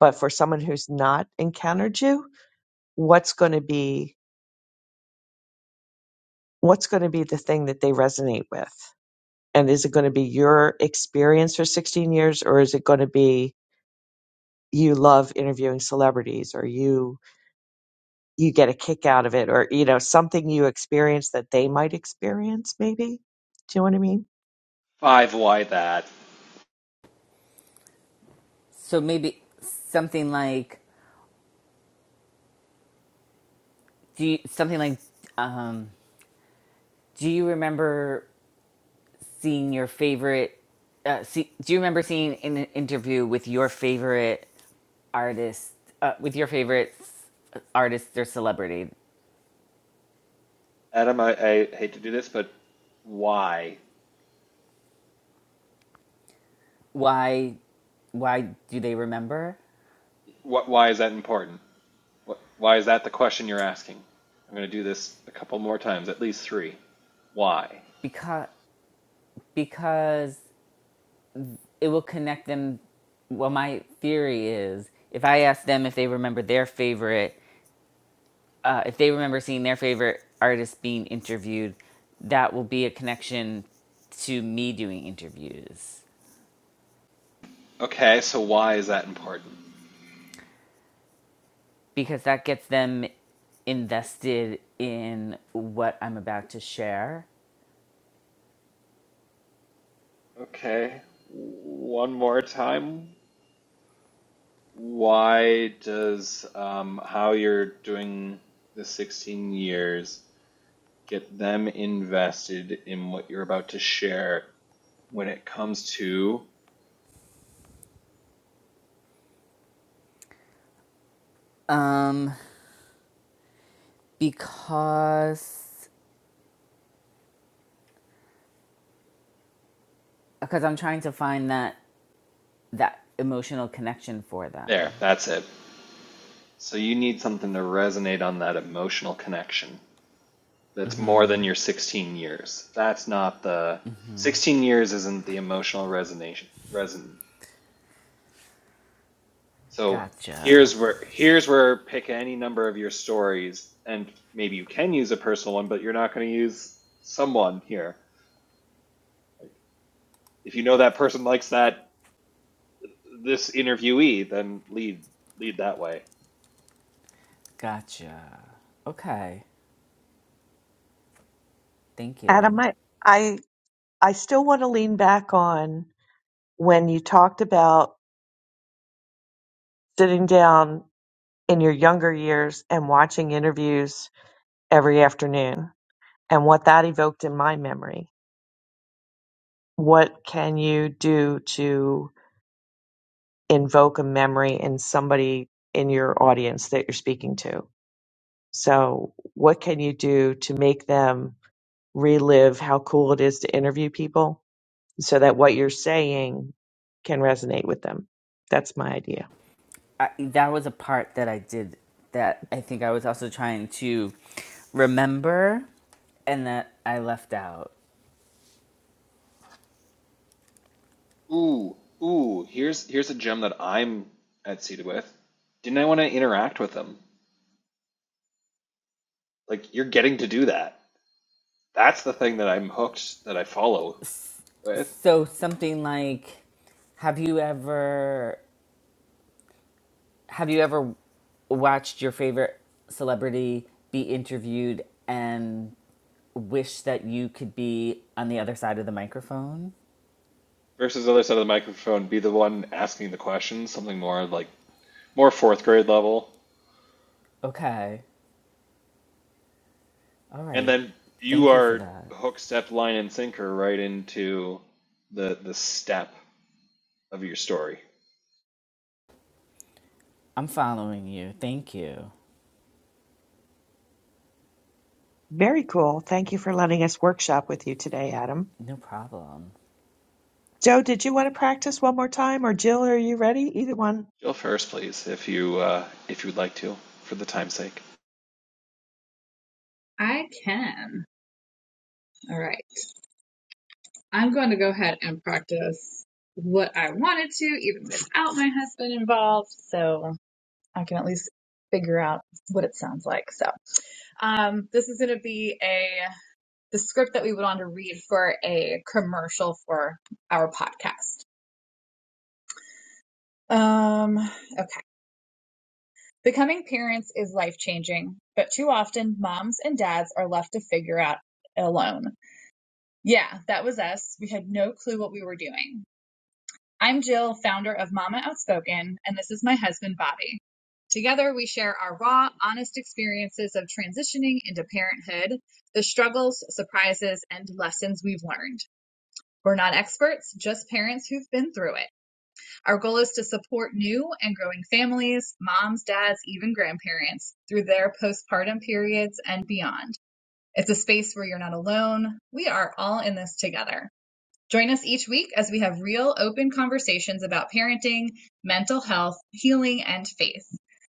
S2: But for someone who's not encountered you, what's going to be what's going to be the thing that they resonate with? And is it going to be your experience for 16 years or is it going to be you love interviewing celebrities or you you get a kick out of it or you know something you experience that they might experience maybe? Do you know what I mean?
S3: Five, why that?
S1: So maybe something like do you, something like um, do you remember seeing your favorite uh, see, do you remember seeing an interview with your favorite artist uh, with your favorite s- artist or celebrity
S3: Adam, I, I hate to do this, but why?
S1: why why do they remember
S3: What, why is that important? What, why is that the question you're asking? I'm going to do this a couple more times, at least three. Why?
S1: because because it will connect them well my theory is if i ask them if they remember their favorite uh, if they remember seeing their favorite artist being interviewed that will be a connection to me doing interviews
S3: Okay, so why is that important?
S1: because that gets them invested in what i'm about to share
S3: Okay, one more time. Why does um, how you're doing the 16 years get them invested in what you're about to share when it comes to
S1: um because because I'm trying to find that that emotional connection for them.
S3: there, that's it. So you need something to resonate on that emotional connection. That's more than your 16 years. That's not the 16 years isn't the emotional resonation reson. So
S1: Gotcha.
S3: here's where here's where pick any number of your stories and maybe you can use a personal one, but you're not going to use someone here. If you know that person likes that this interviewee, then lead lead that way.
S1: Gotcha. Okay. Thank you.
S2: Adam, I I, I still want to lean back on when you talked about sitting down in your younger years and watching interviews every afternoon and what that evoked in my memory. What can you do to invoke a memory in somebody in your audience that you're speaking to? So, what can you do to make them relive how cool it is to interview people? so that what you're saying can resonate with them. That's my idea.
S1: I, that was a part that I did that I think I was also trying to remember and that I left out.
S3: Ooh, ooh, here's here's a gem that I'm at seated with. Didn't I want to interact with them? Like you're getting to do that. That's the thing that I'm hooked that I follow with.
S1: So something like have you ever Have you ever watched your favorite celebrity be interviewed and wish that you could be on the other side of the microphone?
S3: Versus the other side of the microphone, be the one asking the questions, something more like more fourth grade level.
S1: Okay. All
S3: And
S1: right.
S3: then you
S1: Thank you for
S3: are
S1: that.
S3: hook, step, line, and sinker right into the the step of your story.
S1: I'm following you. Thank you.
S2: Very cool. Thank you for letting us workshop with you today, Adam.
S1: No problem.
S2: Joe, did you want to practice one more time or Jill, are you ready? Either one.
S3: Jill first, please, if you uh, if you would like to, for the time's sake.
S4: I can. All right. I'm going to go ahead and practice what I wanted to, even without my husband involved. So I can at least figure out what it sounds like. So, um, this is going to be a the script that we would want to read for a commercial for our podcast. Um, okay. Becoming parents is life changing, but too often moms and dads are left to figure out alone. Yeah, that was us. We had no clue what we were doing. I'm Jill, founder of Mama Outspoken, and this is my husband, Bobby. Together, we share our raw, honest experiences of transitioning into parenthood, the struggles, surprises, and lessons we've learned. We're not experts, just parents who've been through it. Our goal is to support new and growing families, moms, dads, even grandparents through their postpartum periods and beyond. It's a space where you're not alone. We are all in this together. Join us each week as we have real, open conversations about parenting, mental health, healing, and faith.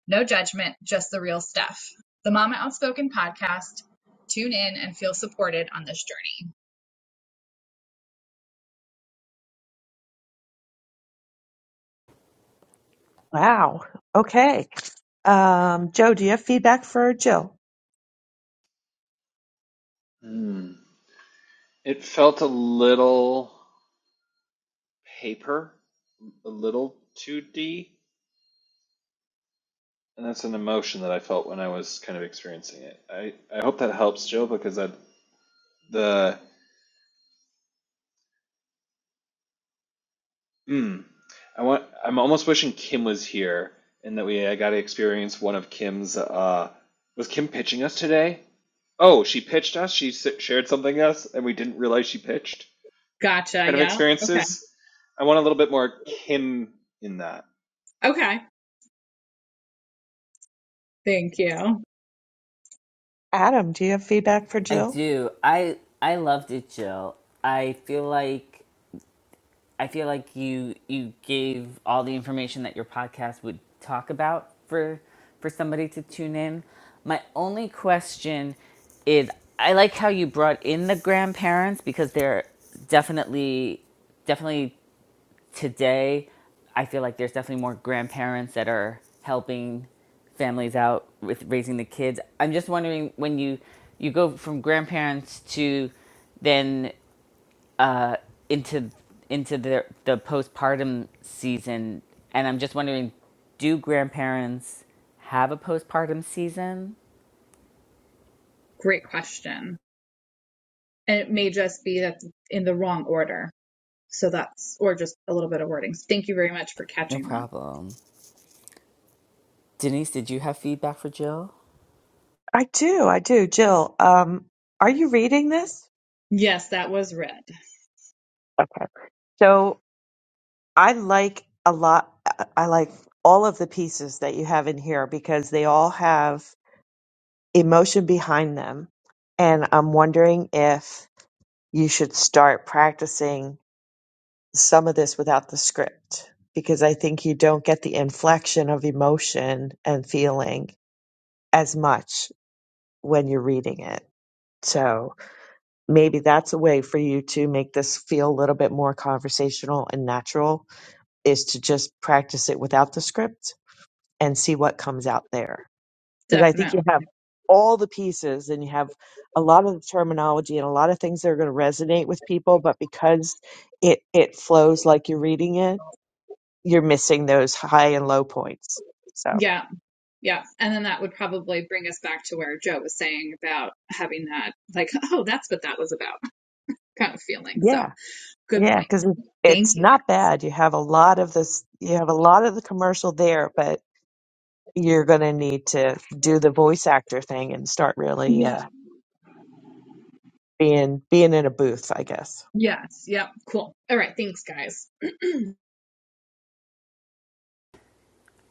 S4: No judgment, just the real stuff. The Mama Outspoken podcast. Tune in and feel supported on this journey.
S2: Wow. Okay. Um, Joe, do you have feedback for Jill?
S3: Hmm. It felt a little paper, a little 2D, and that's an emotion that I felt when I was kind of experiencing it. I, I hope that helps, Joe, because that the mm, I want I'm almost wishing Kim was here and that we I got to experience one of Kim's. Uh, was Kim pitching us today? Oh, she pitched us. She shared something us, and we didn't realize she pitched.
S4: Gotcha.
S3: Kind of
S4: Yeah. Okay.
S3: experiences. I want a little bit more Kim in that.
S4: Okay. Thank you.
S2: Adam, do you have feedback for
S1: I
S2: Jill?
S1: do. I I loved it, Jill. I feel like I feel like you you gave all the information that your podcast would talk about for for somebody to tune in. My only question is I like how you brought in the grandparents because they're definitely definitely today I feel like there's definitely more grandparents that are helping families out with raising the kids. I'm just wondering when you you go from grandparents to then into into the the postpartum season, and I'm just wondering, do grandparents have a postpartum season?
S4: Great question. And it may just be that in the wrong order. So that's, or just a little bit of wording. So Thank you very much for
S1: No
S4: catching that.
S1: problem. Denise, did you have feedback for Jill?
S2: I do, I do. Jill, um, are you reading this?
S4: Yes, that was red.
S2: Okay. So I like a lot, I I like all of the pieces that you have in here because they all have emotion behind them. And I'm wondering if you should start practicing some of this without the script because I think you don't get the inflection of emotion and feeling as much when you're reading it. So maybe that's a way for you to make this feel a little bit more conversational and natural is to just practice it without the script and see what comes out there. Because I think you
S4: Definitely.
S2: have all the pieces and you have a lot of the terminology and a lot of things that are going to resonate with people, but because it it flows like you're reading it, you're missing those high and low points. So
S4: Yeah. Yeah. And then that would probably bring us back to where Joe was saying about having that, like, oh, that's what that was about kind of feeling. So
S2: yeah.
S4: good
S2: Yeah,
S4: point.
S2: because
S4: Thank
S2: it's
S4: you
S2: not
S4: guys.
S2: bad. You have a lot of this, you have a lot of the commercial there, but you're going to need to do the voice actor thing and start really
S4: Yeah.
S2: uh, being being in a booth, I guess.
S4: Yes. Yep. Yeah. Cool. All right. Thanks, guys.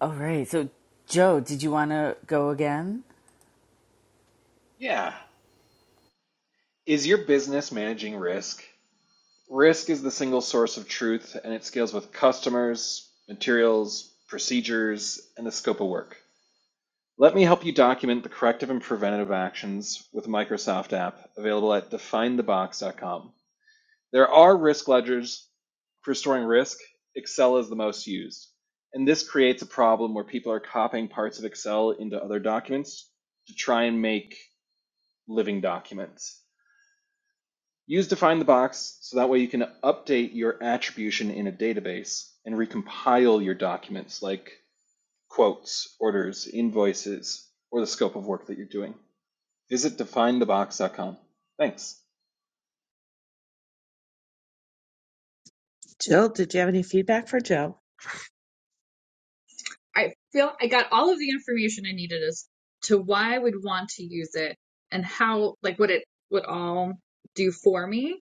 S1: All right. So, Joe, did you want to go again?
S3: Yeah. Is your business managing risk? Risk is the single source of truth, and it scales with customers, materials, procedures, and the scope of work. Let me help you document the corrective and preventative actions with the Microsoft app available at definethebox.com. There are risk ledgers for storing risk. Excel is the most used. And this creates a problem where people are copying parts of Excel into other documents to try and make living documents. Use define the box so that way you can update your attribution in a database and recompile your documents like quotes, orders, invoices, or the scope of work that you're doing. Visit Define the definethebox.com. Thanks.
S2: Jill, did you have any feedback for Joe?
S4: I feel I got all of the information I needed as to why I would want to use it and how, like, what it would all do for me.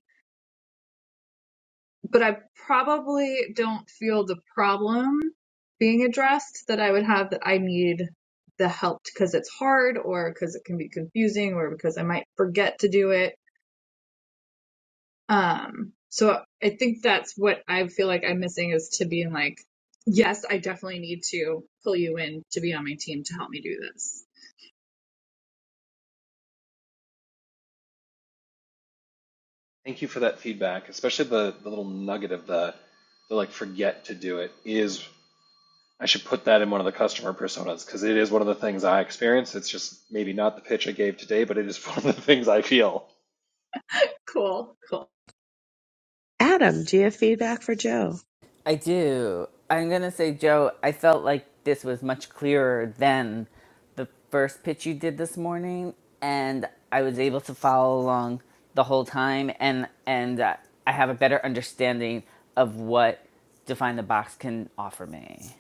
S4: But I probably don't feel the problem being addressed that I would have that I need the help because it's hard or because it can be confusing or because I might forget to do it. Um, so I think that's what I feel like I'm missing is to being like, yes, I definitely need to pull you in to be on my team to help me do this.
S3: Thank you for that feedback, especially the, the little nugget of the, the like forget to do it is I should put that in one of the customer personas because it is one of the things I experience. It's just maybe not the pitch I gave today, but it is *laughs* one of the things I feel.
S4: Cool, cool.
S2: Adam, do you have feedback for Joe?
S1: I do. I'm going to say, Joe, I felt like this was much clearer than the first pitch you did this morning, and I was able to follow along the whole time, and and uh, I have a better understanding of what Define the Box can offer me.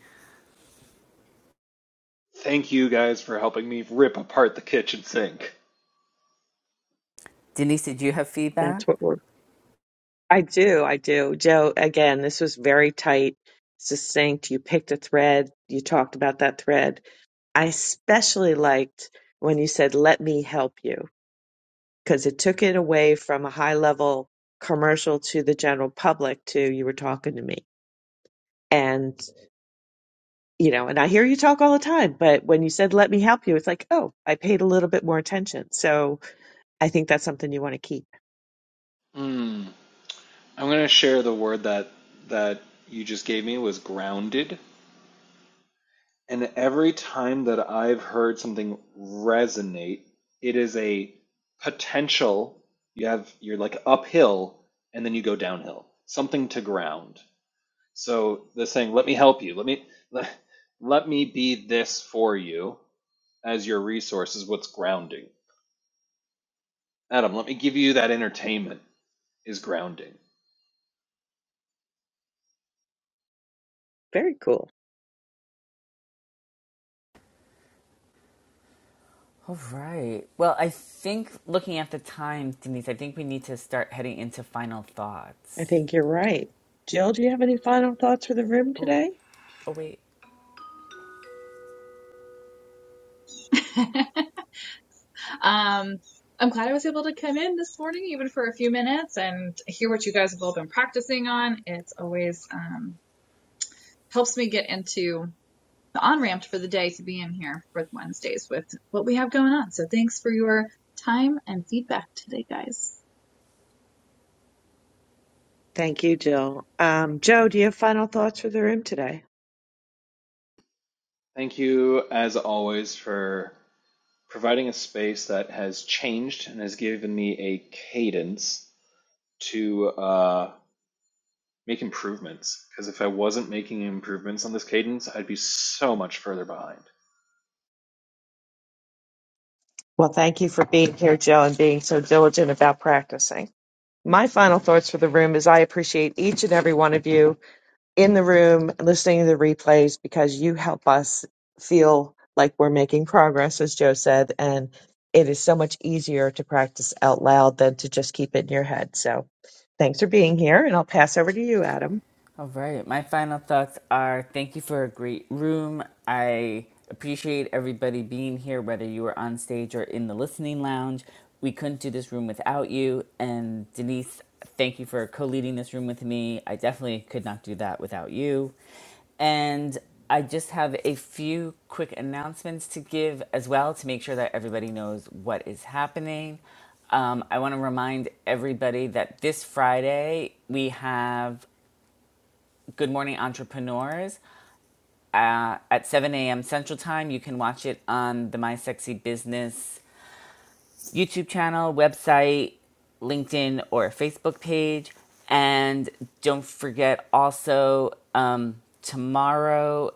S3: Thank you guys for helping me rip apart the kitchen sink.
S1: Denise, did you have feedback?
S2: That's what we're. I do, I do. Joe, again, this was very tight, succinct. You picked a thread, you talked about that thread. I especially liked when you said, "Let me help you." because it took it away from a high level commercial to the general public to you were talking to me. And, you know, and I hear you talk all the time, but when you said, let me help you, it's like, oh, I paid a little bit more attention. So I think that's something you want to keep.
S3: Mm. I'm gonna share the word that that you just gave me was grounded. And every time that I've heard something resonate, it is a potential. You have you're like uphill and then you go downhill. Something to ground. So they're saying, "Let me help you. Let me let, let me be this for you as your resource is what's grounding." Adam, let me give you that entertainment. is grounding.
S2: Very cool.
S1: All right. Well, I think looking at the time, Denise, I think we need to start heading into final
S2: I
S1: thoughts.
S2: think you're right. Jill, do you have any final thoughts for the room
S1: Oh,
S2: today?
S1: oh wait.
S4: *laughs* um, I'm glad I was able to come in this morning, even for a few minutes, and hear what you guys have all been practicing on. It's always um, helps me get into the on ramp for the day to be in here for Wednesdays with what we have going on. So thanks for your time and feedback today, guys.
S2: Thank you, Jill. Um, Joe,
S1: Thank
S2: do you
S1: you.
S2: have final thoughts for the room today?
S3: Thank you, as always, for providing a space that has changed and has given me a cadence to uh, make improvements. Because if I wasn't making improvements on this cadence, I'd be so much further behind.
S2: Well, thank you for being here, Joe, and being so diligent about practicing. My final thoughts for the room is I appreciate each and every one of you in the room listening to the replays because you help us feel like we're making progress, as Joe said. And it is so much easier to practice out loud than to just keep it in your head. So thanks for being here. And I'll pass over to you, Adam.
S1: All right. My final thoughts are thank you for a great room. I appreciate everybody being here, whether you were on stage or in the listening lounge. We couldn't do this room without you. And Denise, thank you for co leading this room with me. I definitely could not do that without you. And I just have a few quick announcements to give as well to make sure that everybody knows what is happening. Um, I want to remind everybody that this Friday we have Good Morning Entrepreneurs uh, at 7 a.m. Central Time. You can watch it on the My Sexy Business YouTube channel, website, LinkedIn, or Facebook page. And don't forget also um, tomorrow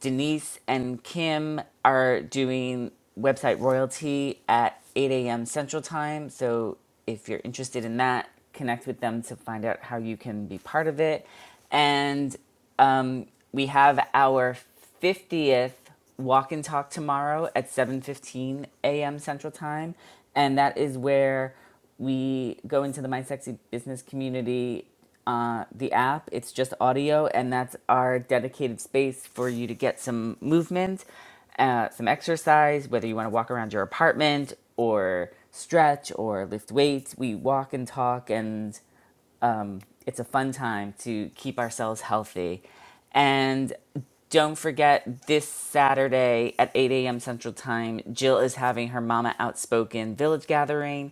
S1: Denise and Kim are doing website royalty at 8 a.m. Central Time. So if you're interested in that, connect with them to find out how you can be part of it. And um, we have our 50th walk and talk tomorrow at 7:15 a.m. Central Time, and that is where we go into the My Sexy Business community, uh, the app. It's just audio, and that's our dedicated space for you to get some movement, uh, some exercise, whether you want to walk around your apartment or stretch or lift weights. We walk and talk, and it's a fun time to keep ourselves healthy. And don't forget this Saturday at 8 a.m. Central Time, Jill is having her Mama Outspoken Village Gathering.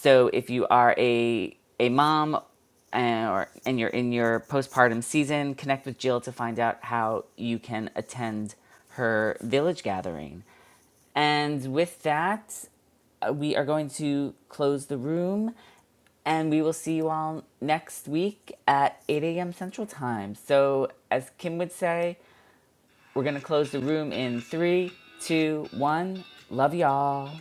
S1: So if you are a a mom and, or and you're in your postpartum season, connect with Jill to find out how you can attend her village gathering. And with that, uh, we are going to close the room and we will see you all next week at 8 a.m. Central Time. So, as Kim would say, we're going to close the room in three, two, one. Love y'all.